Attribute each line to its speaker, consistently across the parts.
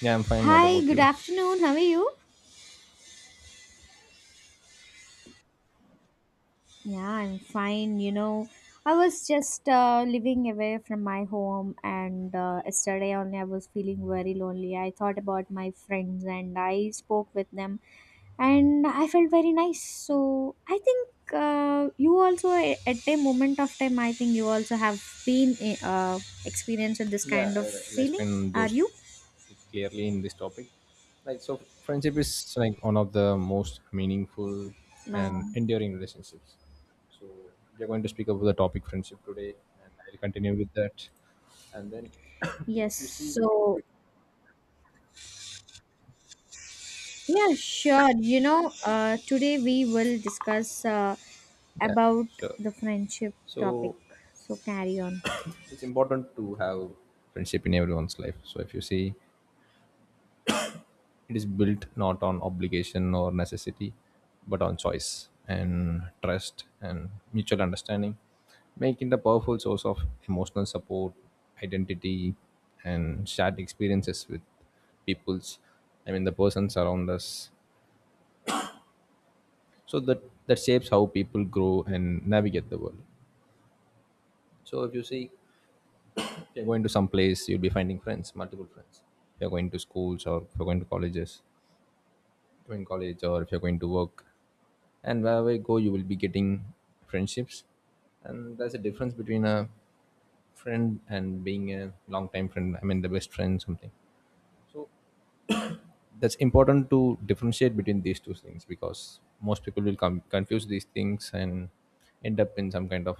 Speaker 1: Yeah, I'm fine. What
Speaker 2: Hi,
Speaker 1: about
Speaker 2: good
Speaker 1: you?
Speaker 2: afternoon. How are you? Yeah, I'm fine. You know, I was just living away from my home, and yesterday only I was feeling very lonely. I thought about my friends and I spoke with them, and I felt very nice. So I think you also, at a moment of time, I think you also have been experienced this kind of
Speaker 1: I'll
Speaker 2: feeling.
Speaker 1: explain
Speaker 2: Are
Speaker 1: those
Speaker 2: you?
Speaker 1: clearly in this topic. So, friendship is like one of the most meaningful
Speaker 2: Uh,
Speaker 1: and enduring relationships. So, we are going to speak about the topic friendship today, and I'll continue with that. And then
Speaker 2: yes.
Speaker 1: you see,
Speaker 2: So yeah, sure. You know, today we will discuss
Speaker 1: yeah,
Speaker 2: about
Speaker 1: sure.
Speaker 2: the friendship topic.
Speaker 1: So,
Speaker 2: So carry on.
Speaker 1: it's important to have friendship in everyone's life. So, if you see, it is built not on obligation or necessity, but on choice and trust and mutual understanding, making it a powerful source of emotional support, identity, and shared experiences with peoples. I mean, the persons around us. So that shapes how people grow and navigate the world. So if you see, if you're going to some place, you'll be finding friends, multiple friends. If you're going to schools or if you're going to colleges, going college or if you're going to work, and wherever you go you will be getting friendships. And there's a difference between a friend and being a long time friend, I mean the best friend something. So that's important to differentiate between these two things, because most people will confuse these things and end up in some kind of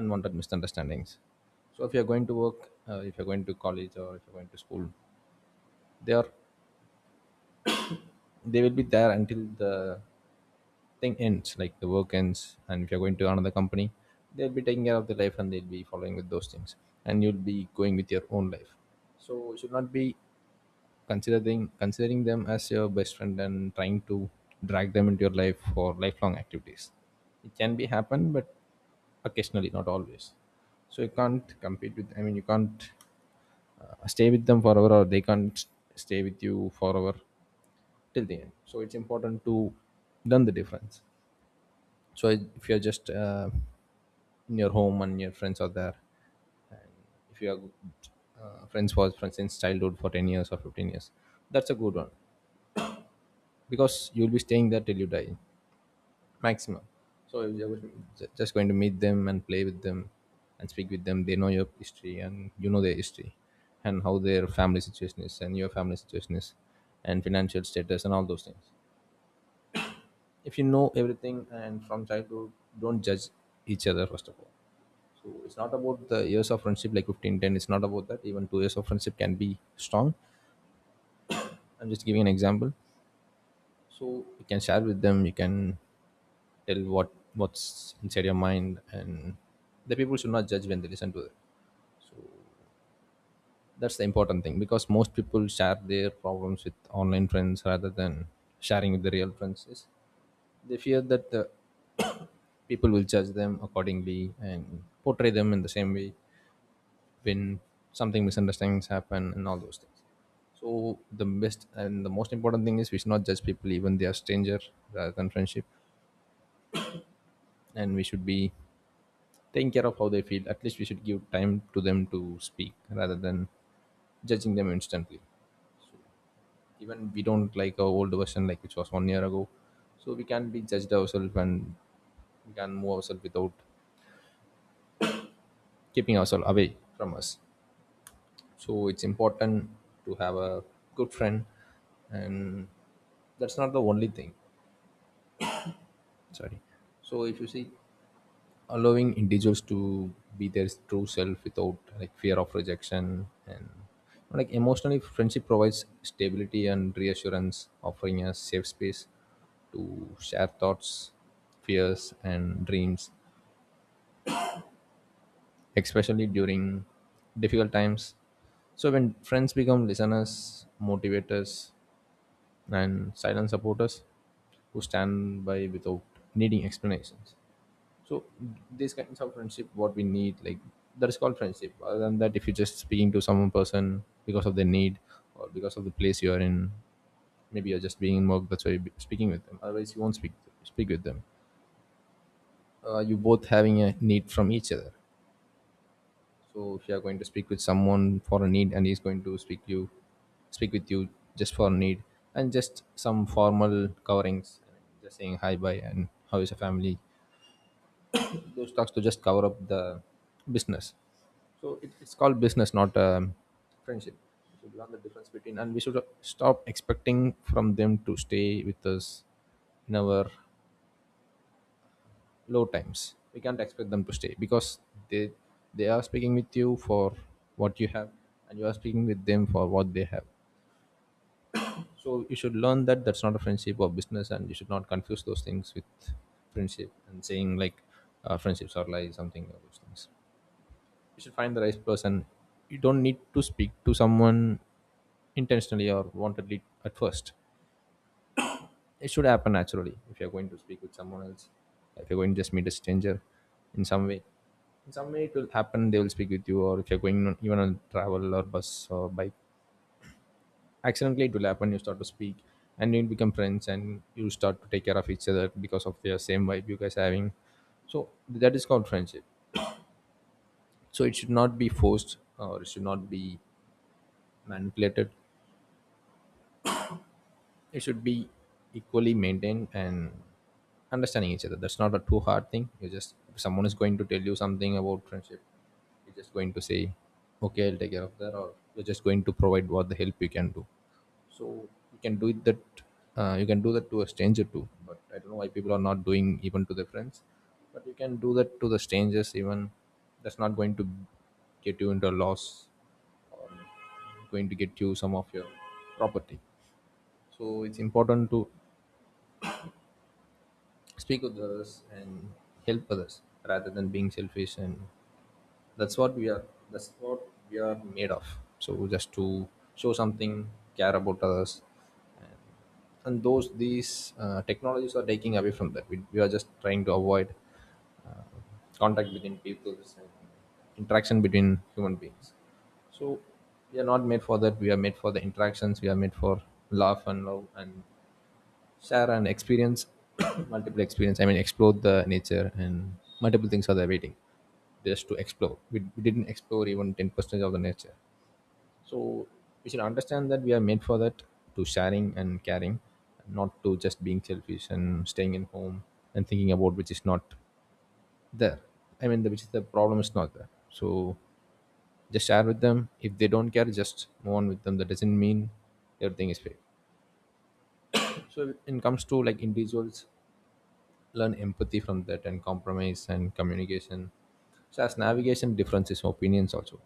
Speaker 1: unwanted misunderstandings. So if you're going to work, if you're going to college or if you're going to school, they are, they will be there until the thing ends, like the work ends. And if you're going to another company, they'll be taking care of the life and they'll be following with those things. And you'll be going with your own life. So you should not be considering them as your best friend and trying to drag them into your life for lifelong activities. It can be happen, but occasionally, not always. So you can't compete with. I mean, you can't stay with them forever, or they can't stay with you forever till the end. So it's important to learn the difference. So if you're just in your home and your friends are there, and if you are friends for friends since childhood for 10 years or 15 years, that's a good one, because you'll be staying there till you die, maximum. So you're just going to meet them and play with them and speak with them. They know your history and you know their history, and how their family situation is and your family situation is, and financial status and all those things. If you know everything and from childhood, don't judge each other first of all. So it's not about the years of friendship like 15, 10. It's not about that. Even 2 years of friendship can be strong. I'm just giving an example. So you can share with them, you can tell what's inside your mind, and the people should not judge when they listen to it. That's the important thing, because most people share their problems with online friends rather than sharing with the real friends. Yes. They fear that the people will judge them accordingly and portray them in the same way when something misunderstandings happen and all those things. So the best and the most important thing is we should not judge people even they are stranger rather than friendship, and we should be taking care of how they feel. At least we should give time to them to speak rather than judging them instantly. Even we don't like our old version like which was one year ago, so we can not be judged ourselves and we can move ourselves without keeping ourselves away from us. So it's important to have a good friend, and that's not the only thing. Sorry. So if you see, allowing individuals to be their true self without like fear of rejection and like emotionally, friendship provides stability and reassurance, offering a safe space to share thoughts, fears, and dreams especially during difficult times. So when friends become listeners, motivators, and silent supporters who stand by without needing explanations. So these kinds of friendship, what we need, like that is called friendship. Other than that, if you're just speaking to some person because of their need or because of the place you are in, maybe you're just being in work. That's why you're speaking with them. Otherwise, you won't speak with them. You both having a need from each other. So if you are going to speak with someone for a need, and he's going to speak with you just for a need, and just some formal coverings, just saying hi, bye, and how is your family. Those talks to just cover up the business. So it's called business, not friendship. We should learn the difference between, and we should stop expecting from them to stay with us in our low times. We can't expect them to stay because they they are speaking with you for what you have, and you are speaking with them for what they have. So you should learn that that's not a friendship or business, and you should not confuse those things with friendship and saying like friendships are like something like those things. You should find the right person. You don't need to speak to someone intentionally or wantedly at first. It should happen naturally if you're going to speak with someone else. If you're going to just meet a stranger in some way, it will happen, they will speak with you. Or if you're going on, even on travel or bus or bike, accidentally it will happen, you start to speak, and you'll become friends and you start to take care of each other because of their same vibe you guys are having. So that is called friendship. So it should not be forced or it should not be manipulated. It should be equally maintained and understanding each other. That's not a too hard thing. You just, if someone is going to tell you something about friendship, you're just going to say okay, I'll take care of that, or you're just going to provide what the help you can do. So you can do it that, you can do that to a stranger too, but I don't know why people are not doing even to their friends. But you can do that to the strangers even. That's not going to get you into a loss or going to get you some of your property. So it's important to speak with others and help others rather than being selfish, and that's what we are. That's what we are made of. So just to show something, care about others, and, those these technologies are taking away from that. We are just trying to avoid uh, contact between people and interaction between human beings. So we are not made for that. We are made for the interactions. We are made for love and share and experience multiple experience. I mean explore the nature, and multiple things are there waiting just to explore. We didn't explore even 10% of the nature. So we should understand that we are made for that, to sharing and caring, not to just being selfish and staying in home and thinking about which is not there. Which is the problem is not there. So just share with them, if they don't care just move on with them. That doesn't mean everything is fake. So when it comes to like individuals, learn empathy from that and compromise and communication. So as navigation differences, opinions also,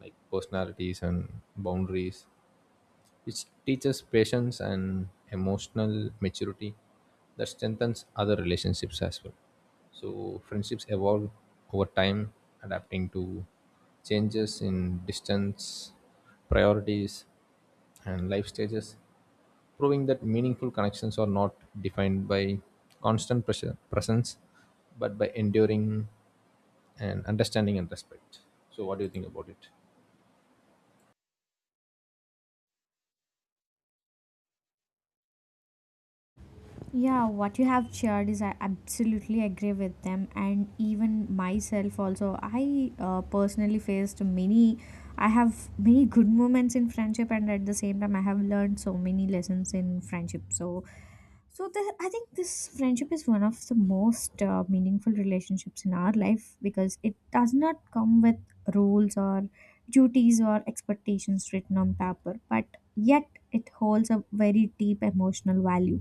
Speaker 1: like personalities and boundaries. It teaches patience and emotional maturity that strengthens other relationships as well. So, friendships evolve over time, adapting to changes in distance, priorities, and life stages, proving that meaningful connections are not defined by presence but by enduring and understanding and respect. So, what do you think about it?
Speaker 2: Yeah, what you have shared is I absolutely agree with them, and even myself also. I personally faced many. I have many good moments in friendship, and at the same time, I have learned so many lessons in friendship. So So the, I think this friendship is one of the most meaningful relationships in our life because it does not come with rules or duties or expectations written on paper, but yet it holds a very deep emotional value.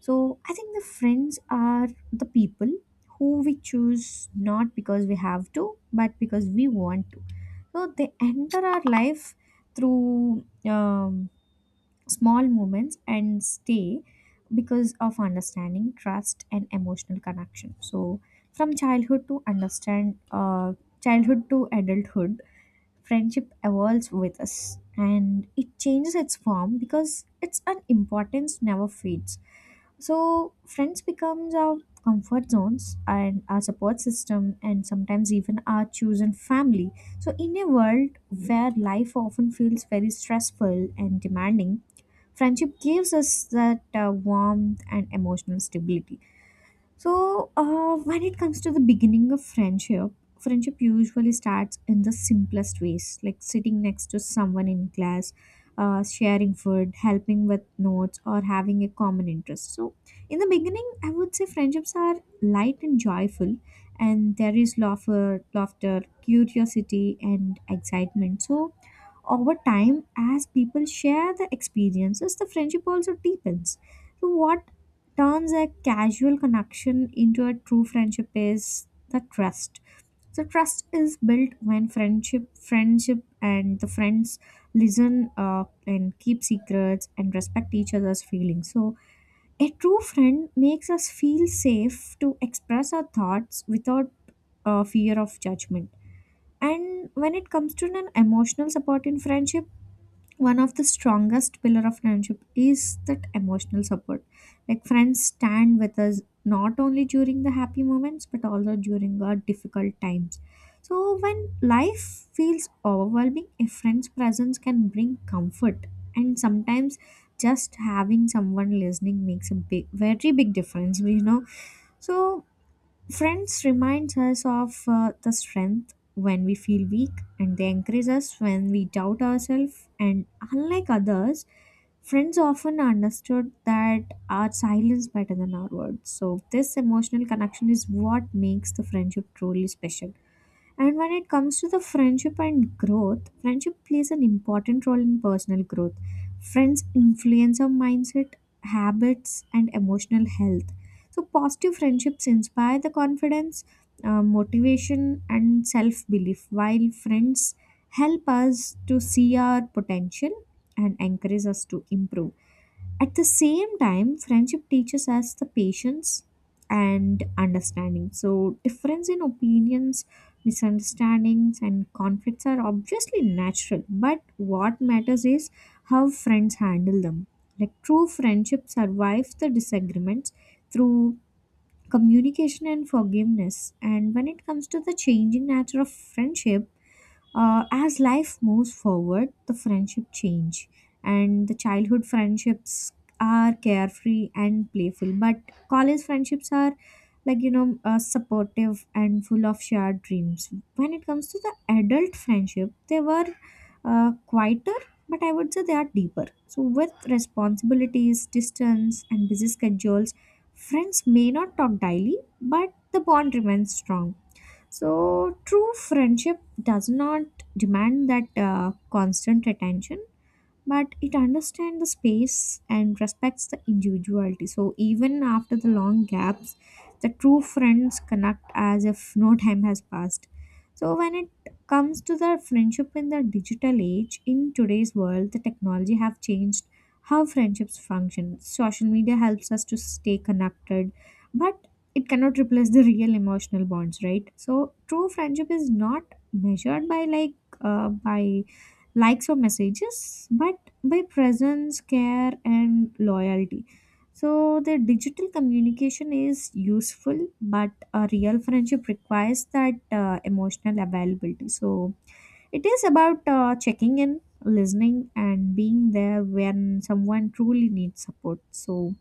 Speaker 2: So I think the friends are the people who we choose not because we have to, but because we want to. So they enter our life through small moments and stay because of understanding trust and emotional connection. So from childhood to understand childhood to adulthood, friendship evolves with us and it changes its form because its an importance never fades. So friends becomes our comfort zones and our support system and sometimes even our chosen family. So in a world where life often feels very stressful and demanding, friendship gives us that warmth and emotional stability. So when it comes to the beginning of friendship usually starts in the simplest ways like sitting next to someone in class, sharing food, helping with notes, or having a common interest. So in the beginning I would say friendships are light and joyful, and there is laughter, curiosity, and excitement. So over time as people share the experiences, the friendship also deepens. So what turns a casual connection into a true friendship is the trust. So trust is built when friendship and the friends listen up and keep secrets and respect each other's feelings. So a true friend makes us feel safe to express our thoughts without fear of judgment. And when it comes to an emotional support in friendship, one of the strongest pillar of friendship is that emotional support. Like friends stand with us not only during the happy moments but also during our difficult times. So when life feels overwhelming, a friend's presence can bring comfort, and sometimes just having someone listening makes a big, very big difference, you know. So friends reminds us of the strength when we feel weak, and they encourage us when we doubt ourselves. And unlike others, friends often understood that our silence better than our words. So this emotional connection is what makes the friendship truly special. And when it comes to the friendship and growth, friendship plays an important role in personal growth. Friends influence our mindset, habits, and emotional health. So positive friendships inspire the confidence, motivation, and self belief, while friends help us to see our potential and encourage us to improve. At the same time, friendship teaches us the patience and understanding. So, difference in opinions, misunderstandings, and conflicts are obviously natural, but what matters is how friends handle them. Like, true friendship survives the disagreements through communication and forgiveness. And when it comes to the changing nature of friendship, as life moves forward, the friendship change, and the childhood friendships are carefree and playful, but college friendships are, like you know, supportive and full of shared dreams. When it comes to the adult friendship, they were quieter, but I would say they are deeper. So with responsibilities, distance, and busy schedules, friends may not talk daily, but the bond remains strong. So true friendship does not demand that constant attention, but it understands the space and respects the individuality. So even after the long gaps, the true friends connect as if no time has passed. So when it comes to the friendship in the digital age, in today's world, the technology have changed how friendships function. Social media helps us to stay connected, but it cannot replace the real emotional bonds, right? So true friendship is not measured by like by likes or messages, but by presence, care, and loyalty. So the digital communication is useful, but a real friendship requires that emotional availability. So it is about checking in, listening, and being there when someone truly needs support. So,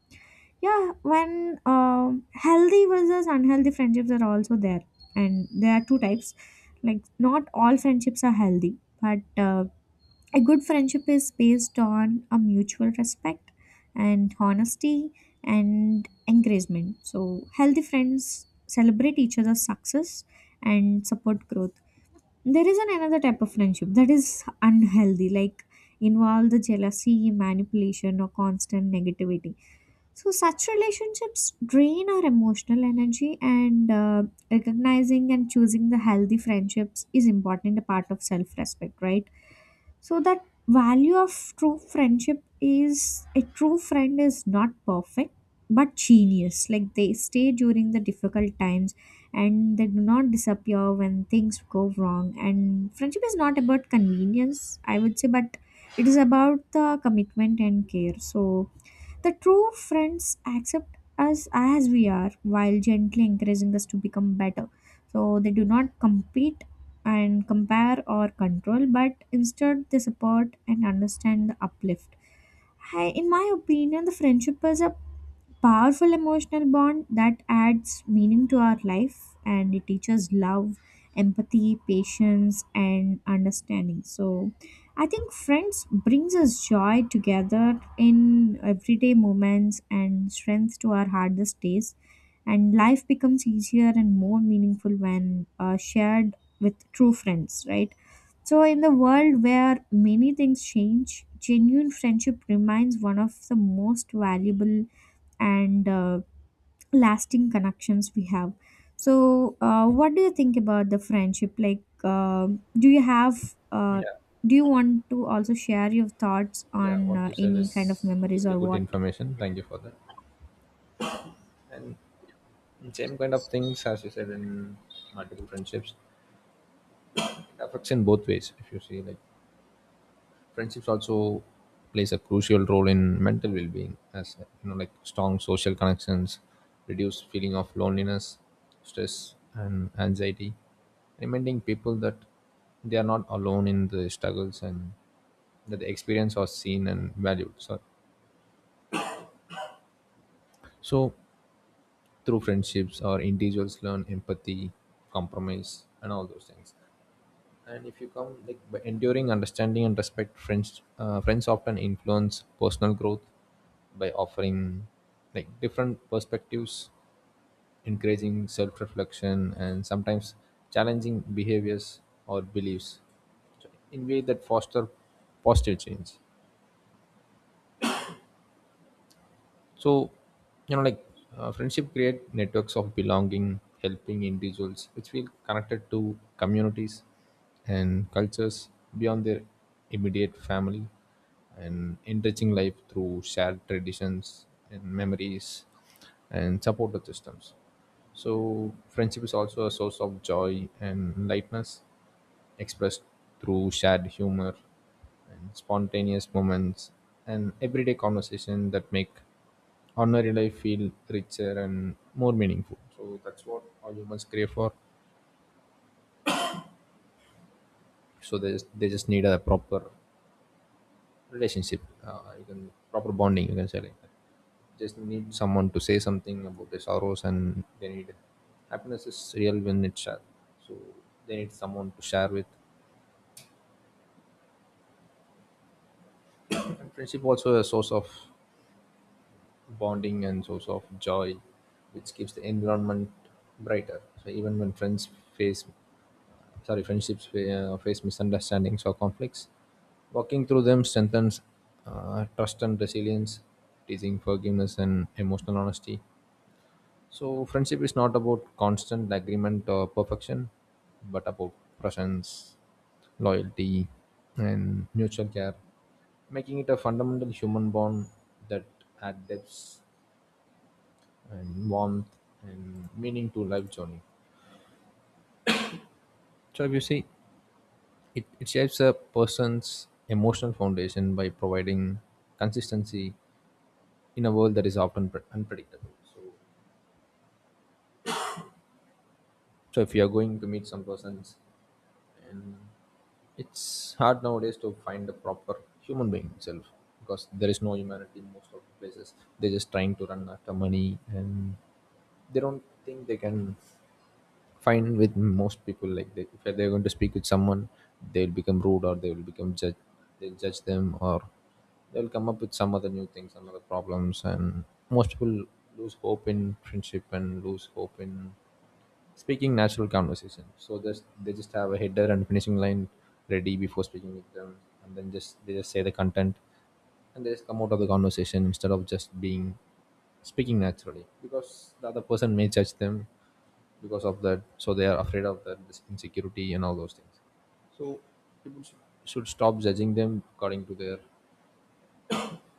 Speaker 2: yeah, when healthy versus unhealthy friendships are also there, and there are two types. Like, not all friendships are healthy, but a good friendship is based on a mutual respect and honesty and encouragement. So healthy friends celebrate each other's success and support growth. There is an another type of friendship that is unhealthy, like involve the jealousy, manipulation, or constant negativity. So such relationships drain our emotional energy, and recognizing and choosing the healthy friendships is important, a part of self respect, right? So that value of true friendship is a true friend is not perfect but genius. Like, they stay during the difficult times and they do not disappear when things go wrong. And friendship is not about convenience, I would say, but it is about the commitment and care. So the true friends accept us as we are while gently encouraging us to become better. So they do not compete and compare or control, but instead they support and understand the uplift. I, in my opinion, the friendship is a powerful emotional bond that adds meaning to our life and it teaches love, empathy, patience, and understanding. So I think friends brings us joy together in everyday moments and strength to our hardest days. And life becomes easier and more meaningful when shared with true friends, right? So in the world where many things change, genuine friendship remains one of the most valuable and lasting connections we have. So what do you think about the friendship, like do you have
Speaker 1: Yeah.
Speaker 2: do you want to also share your thoughts
Speaker 1: Yeah,
Speaker 2: on
Speaker 1: what you said
Speaker 2: any kind of
Speaker 1: is
Speaker 2: memories
Speaker 1: absolutely
Speaker 2: or
Speaker 1: good
Speaker 2: what?
Speaker 1: information. Thank you for that. And same kind of things as you said in multiple friendships, it affects in both ways. If you see, like friendships also plays a crucial role in mental well-being, as you know, like strong social connections reduce feeling of loneliness, stress, and anxiety, reminding people that they are not alone in the struggles and that the experience are seen and valued. So through friendships or individuals learn empathy, compromise, and all those things, and if you come, like, by enduring understanding and respect, friends often influence personal growth by offering, like, different perspectives, encouraging self-reflection, and sometimes challenging behaviors or beliefs. So, in way that foster positive change. so you know like Friendship create networks of belonging, helping individuals which feel connected to communities and cultures beyond their immediate family, and enriching life through shared traditions and memories and supportive systems. So friendship is also a source of joy and lightness, expressed through shared humor and spontaneous moments and everyday conversation that make ordinary life feel richer and more meaningful. So that's what all humans crave for. So they just need a proper relationship, you can proper bonding. You can say like that. Just need someone to say something about their sorrows, and they need happiness is real when it's shared. So they need someone to share with. And friendship also a source of bonding and source of joy, which keeps the environment brighter. So even when friends face, sorry, face misunderstandings or conflicts, walking through them strengthens trust and resilience, teaching forgiveness and emotional honesty. So friendship is not about constant agreement or perfection, but about presence, loyalty, and mutual care, making it a fundamental human bond that adds depth and warmth and meaning to life journey. So if you see, it shapes a person's emotional foundation by providing consistency in a world that is often unpredictable. So if you are going to meet some persons, and it's hard nowadays to find a proper human being itself, because there is no humanity in most of the places. They're just trying to run after money and they don't think they can fine with most people, like they, if they're going to speak with someone, they'll become rude, or they will become judge, they'll judge them, or they'll come up with some other new things, some other problems. And most people lose hope in friendship and lose hope in speaking natural conversation, so just they just have a header and finishing line ready before speaking with them, and then just they just say the content and they just come out of the conversation instead of just being speaking naturally, because the other person may judge them because of that. So they are afraid of that, this insecurity and all those things, should stop judging them according to their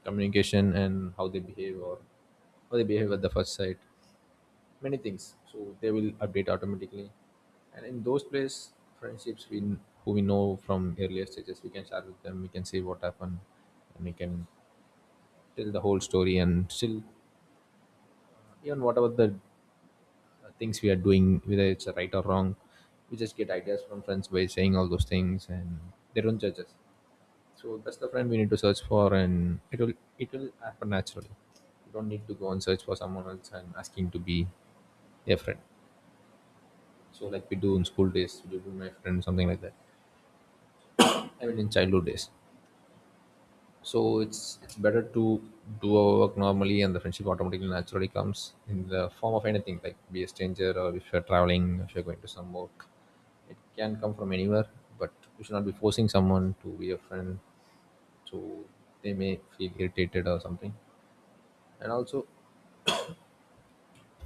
Speaker 1: communication and how they behave, or how they behave at the first sight, many things, so they will update automatically. And in those place, friendships we, who we know from earlier stages, we can share with them, we can say what happened, and we can tell the whole story, and still, even whatever the things we are doing, whether it's right or wrong, we just get ideas from friends by saying all those things, and they don't judge us. So that's the friend we need to search for, and it'll happen naturally. You don't need to go and search for someone else and asking to be a friend. So like we do in school days, we do with my friend something like that. I mean in childhood days. So it's better to do our work normally, and the friendship automatically naturally comes in the form of anything, like be a stranger, or if you're traveling, if you're going to some work, it can come from anywhere. But you should not be forcing someone to be a friend, so they may feel irritated or something. And also,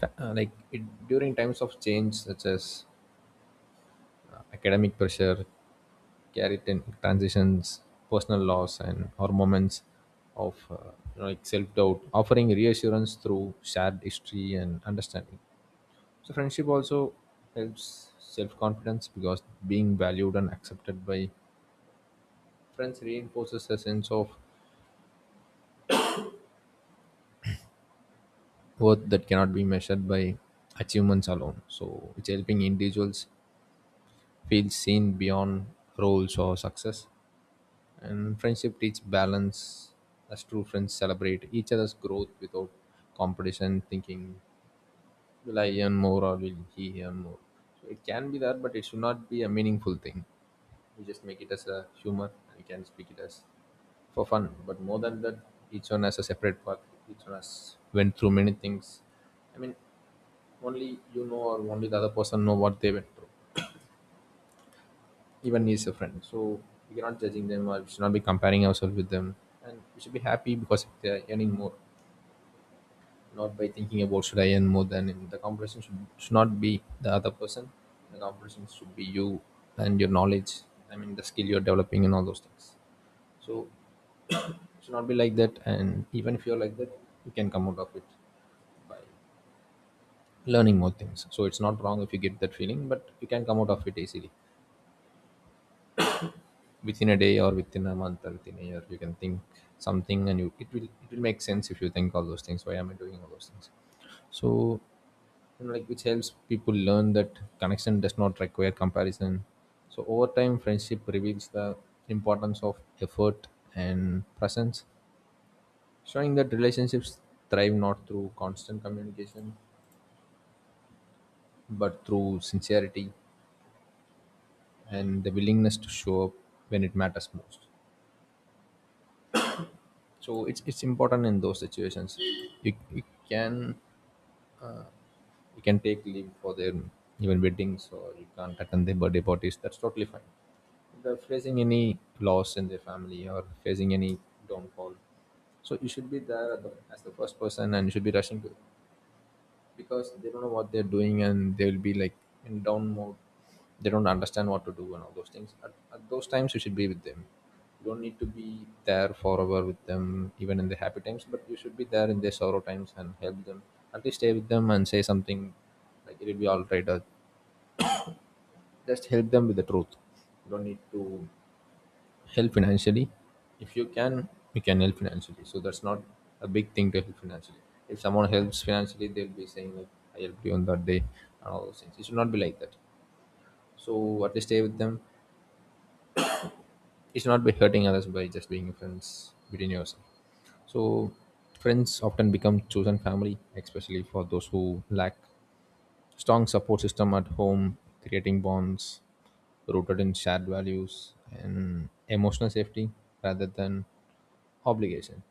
Speaker 1: like it, during times of change, such as academic pressure, transitions, personal loss, and or moments of self-doubt, offering reassurance through shared history and understanding. So friendship also helps self-confidence, because being valued and accepted by friends reinforces a sense of worth that cannot be measured by achievements alone. So it's helping individuals feel seen beyond roles or success. And friendship teach balance, as true friends celebrate each other's growth without competition, thinking, will I earn more or will he earn more? So it can be that, but it should not be a meaningful thing. We just make it as a humor and you can speak it as for fun. But more than that, each one has a separate path. Each one has went through many things. I mean, only you know or only the other person know what they went through. Even is a friend, so we cannot judging them or we should not be comparing ourselves with them, and we should be happy because they're earning more, not by thinking about should I earn more than him. The competition should not be the other person. The competition should be you and your knowledge. I mean the skill you're developing and all those things. So it should not be like that. And even if you're like that, you can come out of it by learning more things. So it's not wrong if you get that feeling, but you can come out of it easily. Within a day or within a month or within a year, you can think something, and you, it will make sense if you think all those things, why am I doing all those things. So, you know, like, which helps people learn that connection does not require comparison. So over time, friendship reveals the importance of effort and presence, showing that relationships thrive not through constant communication, but through sincerity and the willingness to show up when it matters most. So it's important in those situations. You can, you can take leave for their even weddings, or you can't attend their birthday parties. That's totally fine. If they're facing any loss in their family or facing any downfall, so you should be there at the, as the first person, and you should be rushing to, because they don't know what they're doing, and they'll be like in down mode, they don't understand what to do and all those things. At those times, you should be with them. You don't need to be there forever with them, even in the happy times, but you should be there in their sorrow times and help them, at least stay with them and say something like, it'll be all right, or just help them with the truth. You don't need to help financially. If you can, you can help financially, so that's not a big thing to help financially. If someone helps financially, they'll be saying like, I helped you on that day and all those things. It should not be like that. So at least stay with them. It should not be hurting others by just being friends between yourself. So friends often become chosen family, especially for those who lack strong support system at home, creating bonds rooted in shared values and emotional safety rather than obligation.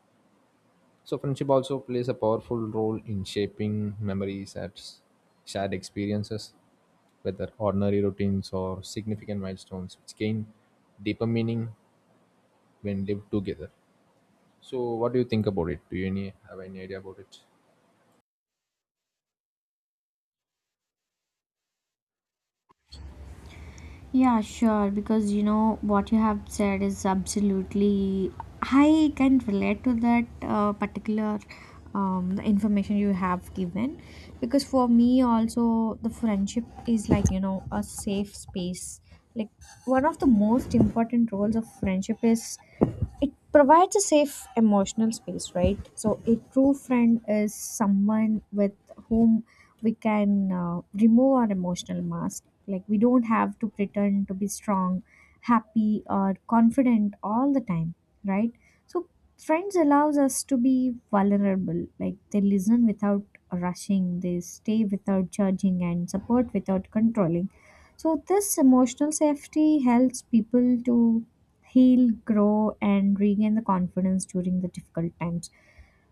Speaker 1: So friendship also plays a powerful role in shaping memories at shared experiences, whether ordinary routines or significant milestones, which gain deeper meaning when lived together. So what do you think about it? Do you any, have any idea about it?
Speaker 2: Yeah, sure. Because you know what you have said is absolutely. I can relate to that particular the information you have given, because for me also the friendship is, like you know, a safe space. Like one of the most important roles of friendship is it provides a safe emotional space, right? So a true friend is someone with whom we can remove our emotional mask, like we don't have to pretend to be strong, happy, or confident all the time, right? So friends allows us to be vulnerable. Like they listen without rushing, they stay without judging, and support without controlling. So this emotional safety helps people to heal, grow, and regain the confidence during the difficult times.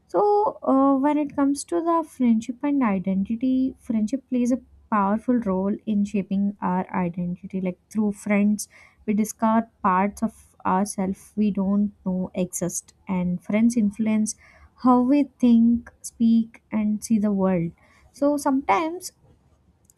Speaker 2: So, when it comes to the friendship and identity, friendship plays a powerful role in shaping our identity. Like through friends, we discover parts of ourselves we don't know exist, and friends influence how we think, speak, and see the world. So sometimes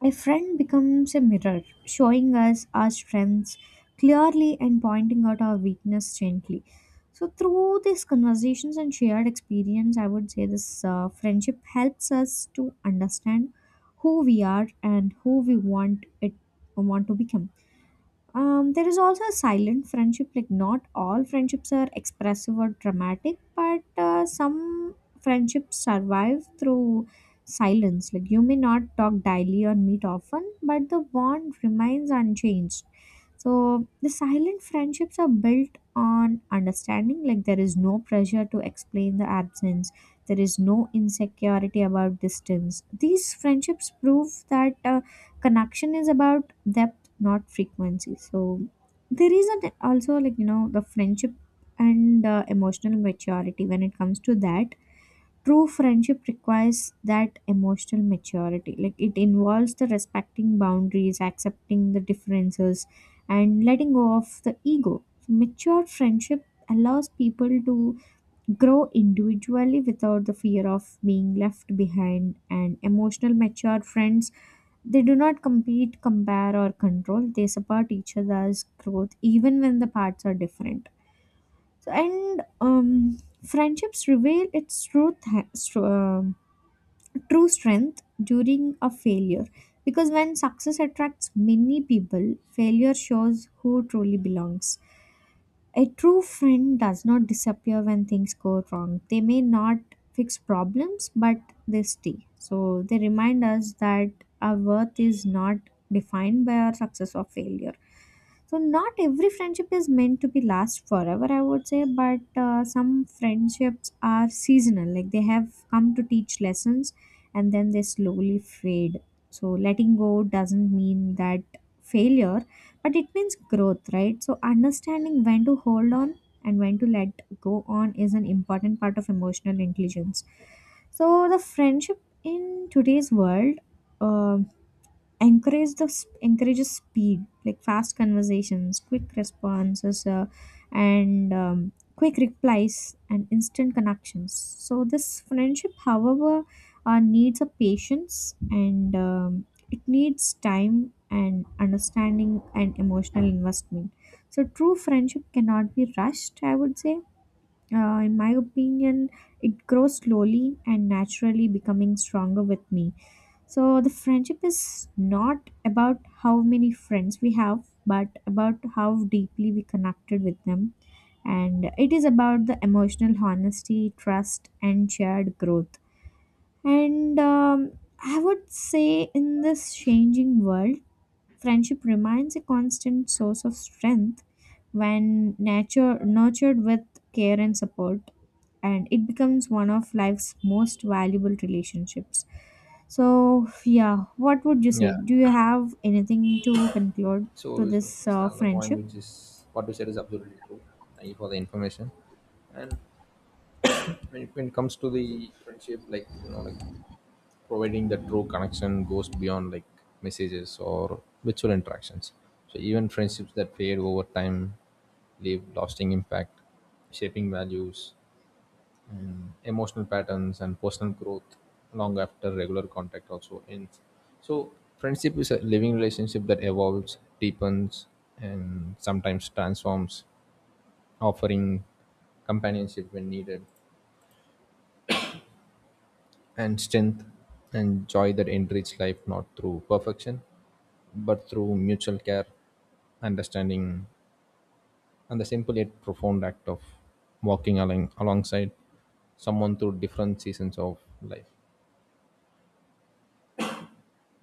Speaker 2: a friend becomes a mirror, showing us our strengths clearly and pointing out our weakness gently. So through these conversations and shared experience, I would say this friendship helps us to understand who we are and who we want to become. There is also a silent friendship. Like not all friendships are expressive or dramatic, but some friendships survive through silence. Like you may not talk daily or meet often, but the bond remains unchanged. So the silent friendships are built on understanding, like there is no pressure to explain the absence, there is no insecurity about distance. These friendships prove that connection is about depth, not frequency. So there is an, also like you know the friendship and emotional maturity when it comes to that, true friendship requires that emotional maturity. Like it involves the respecting boundaries, accepting the differences, and letting go of the ego. So mature friendship allows people to grow individually without the fear of being left behind, and emotional mature friends, they do not compete, compare, or control. They support each other's growth even when the paths are different. So, and friendships reveal its true, true strength during a failure. Because when success attracts many people, failure shows who truly belongs. A true friend does not disappear when things go wrong. They may not fix problems, but they stay. So they remind us that our worth is not defined by our success or failure. So not every friendship is meant to be last forever, I would say, but some friendships are seasonal. Like they have come to teach lessons, and then they slowly fade. So letting go doesn't mean that failure, but it means growth, right? So understanding when to hold on and when to let go on is an important part of emotional intelligence. So the friendship in today's world um encourage the encourages speed, like fast conversations, quick responses, and quick replies and instant connections. So this friendship however needs a patience and it needs time and understanding and emotional investment. So true friendship cannot be rushed, I would say, in my opinion. It grows slowly and naturally becoming stronger with me. So the friendship is not about how many friends we have, but about how deeply we connected with them. And it is about the emotional honesty, trust, and shared growth. And I would say, in this changing world, friendship remains a constant source of strength when nurtured with care and support. And it becomes one of life's most valuable relationships. So, yeah, what would you
Speaker 1: Yeah.
Speaker 2: say? Do you have anything to conclude
Speaker 1: So
Speaker 2: to
Speaker 1: it's
Speaker 2: this
Speaker 1: it's another point,
Speaker 2: friendship?
Speaker 1: which is what you said is absolutely true. Thank you for the information. And when it comes to the friendship, like, you know, like, providing the true connection goes beyond like messages or virtual interactions. So even friendships that fade over time leave lasting impact, shaping values and emotional patterns and personal growth long after regular contact also ends. So friendship is a living relationship that evolves, deepens, and sometimes transforms, offering companionship when needed, and strength and joy that enrich life not through perfection but through mutual care, understanding, and the simple yet profound act of walking along alongside someone through different seasons of life.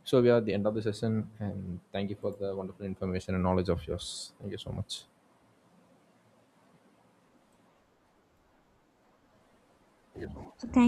Speaker 1: So we are at the end of the session, and thank you for the wonderful information and knowledge of yours. Thank you so much.
Speaker 2: So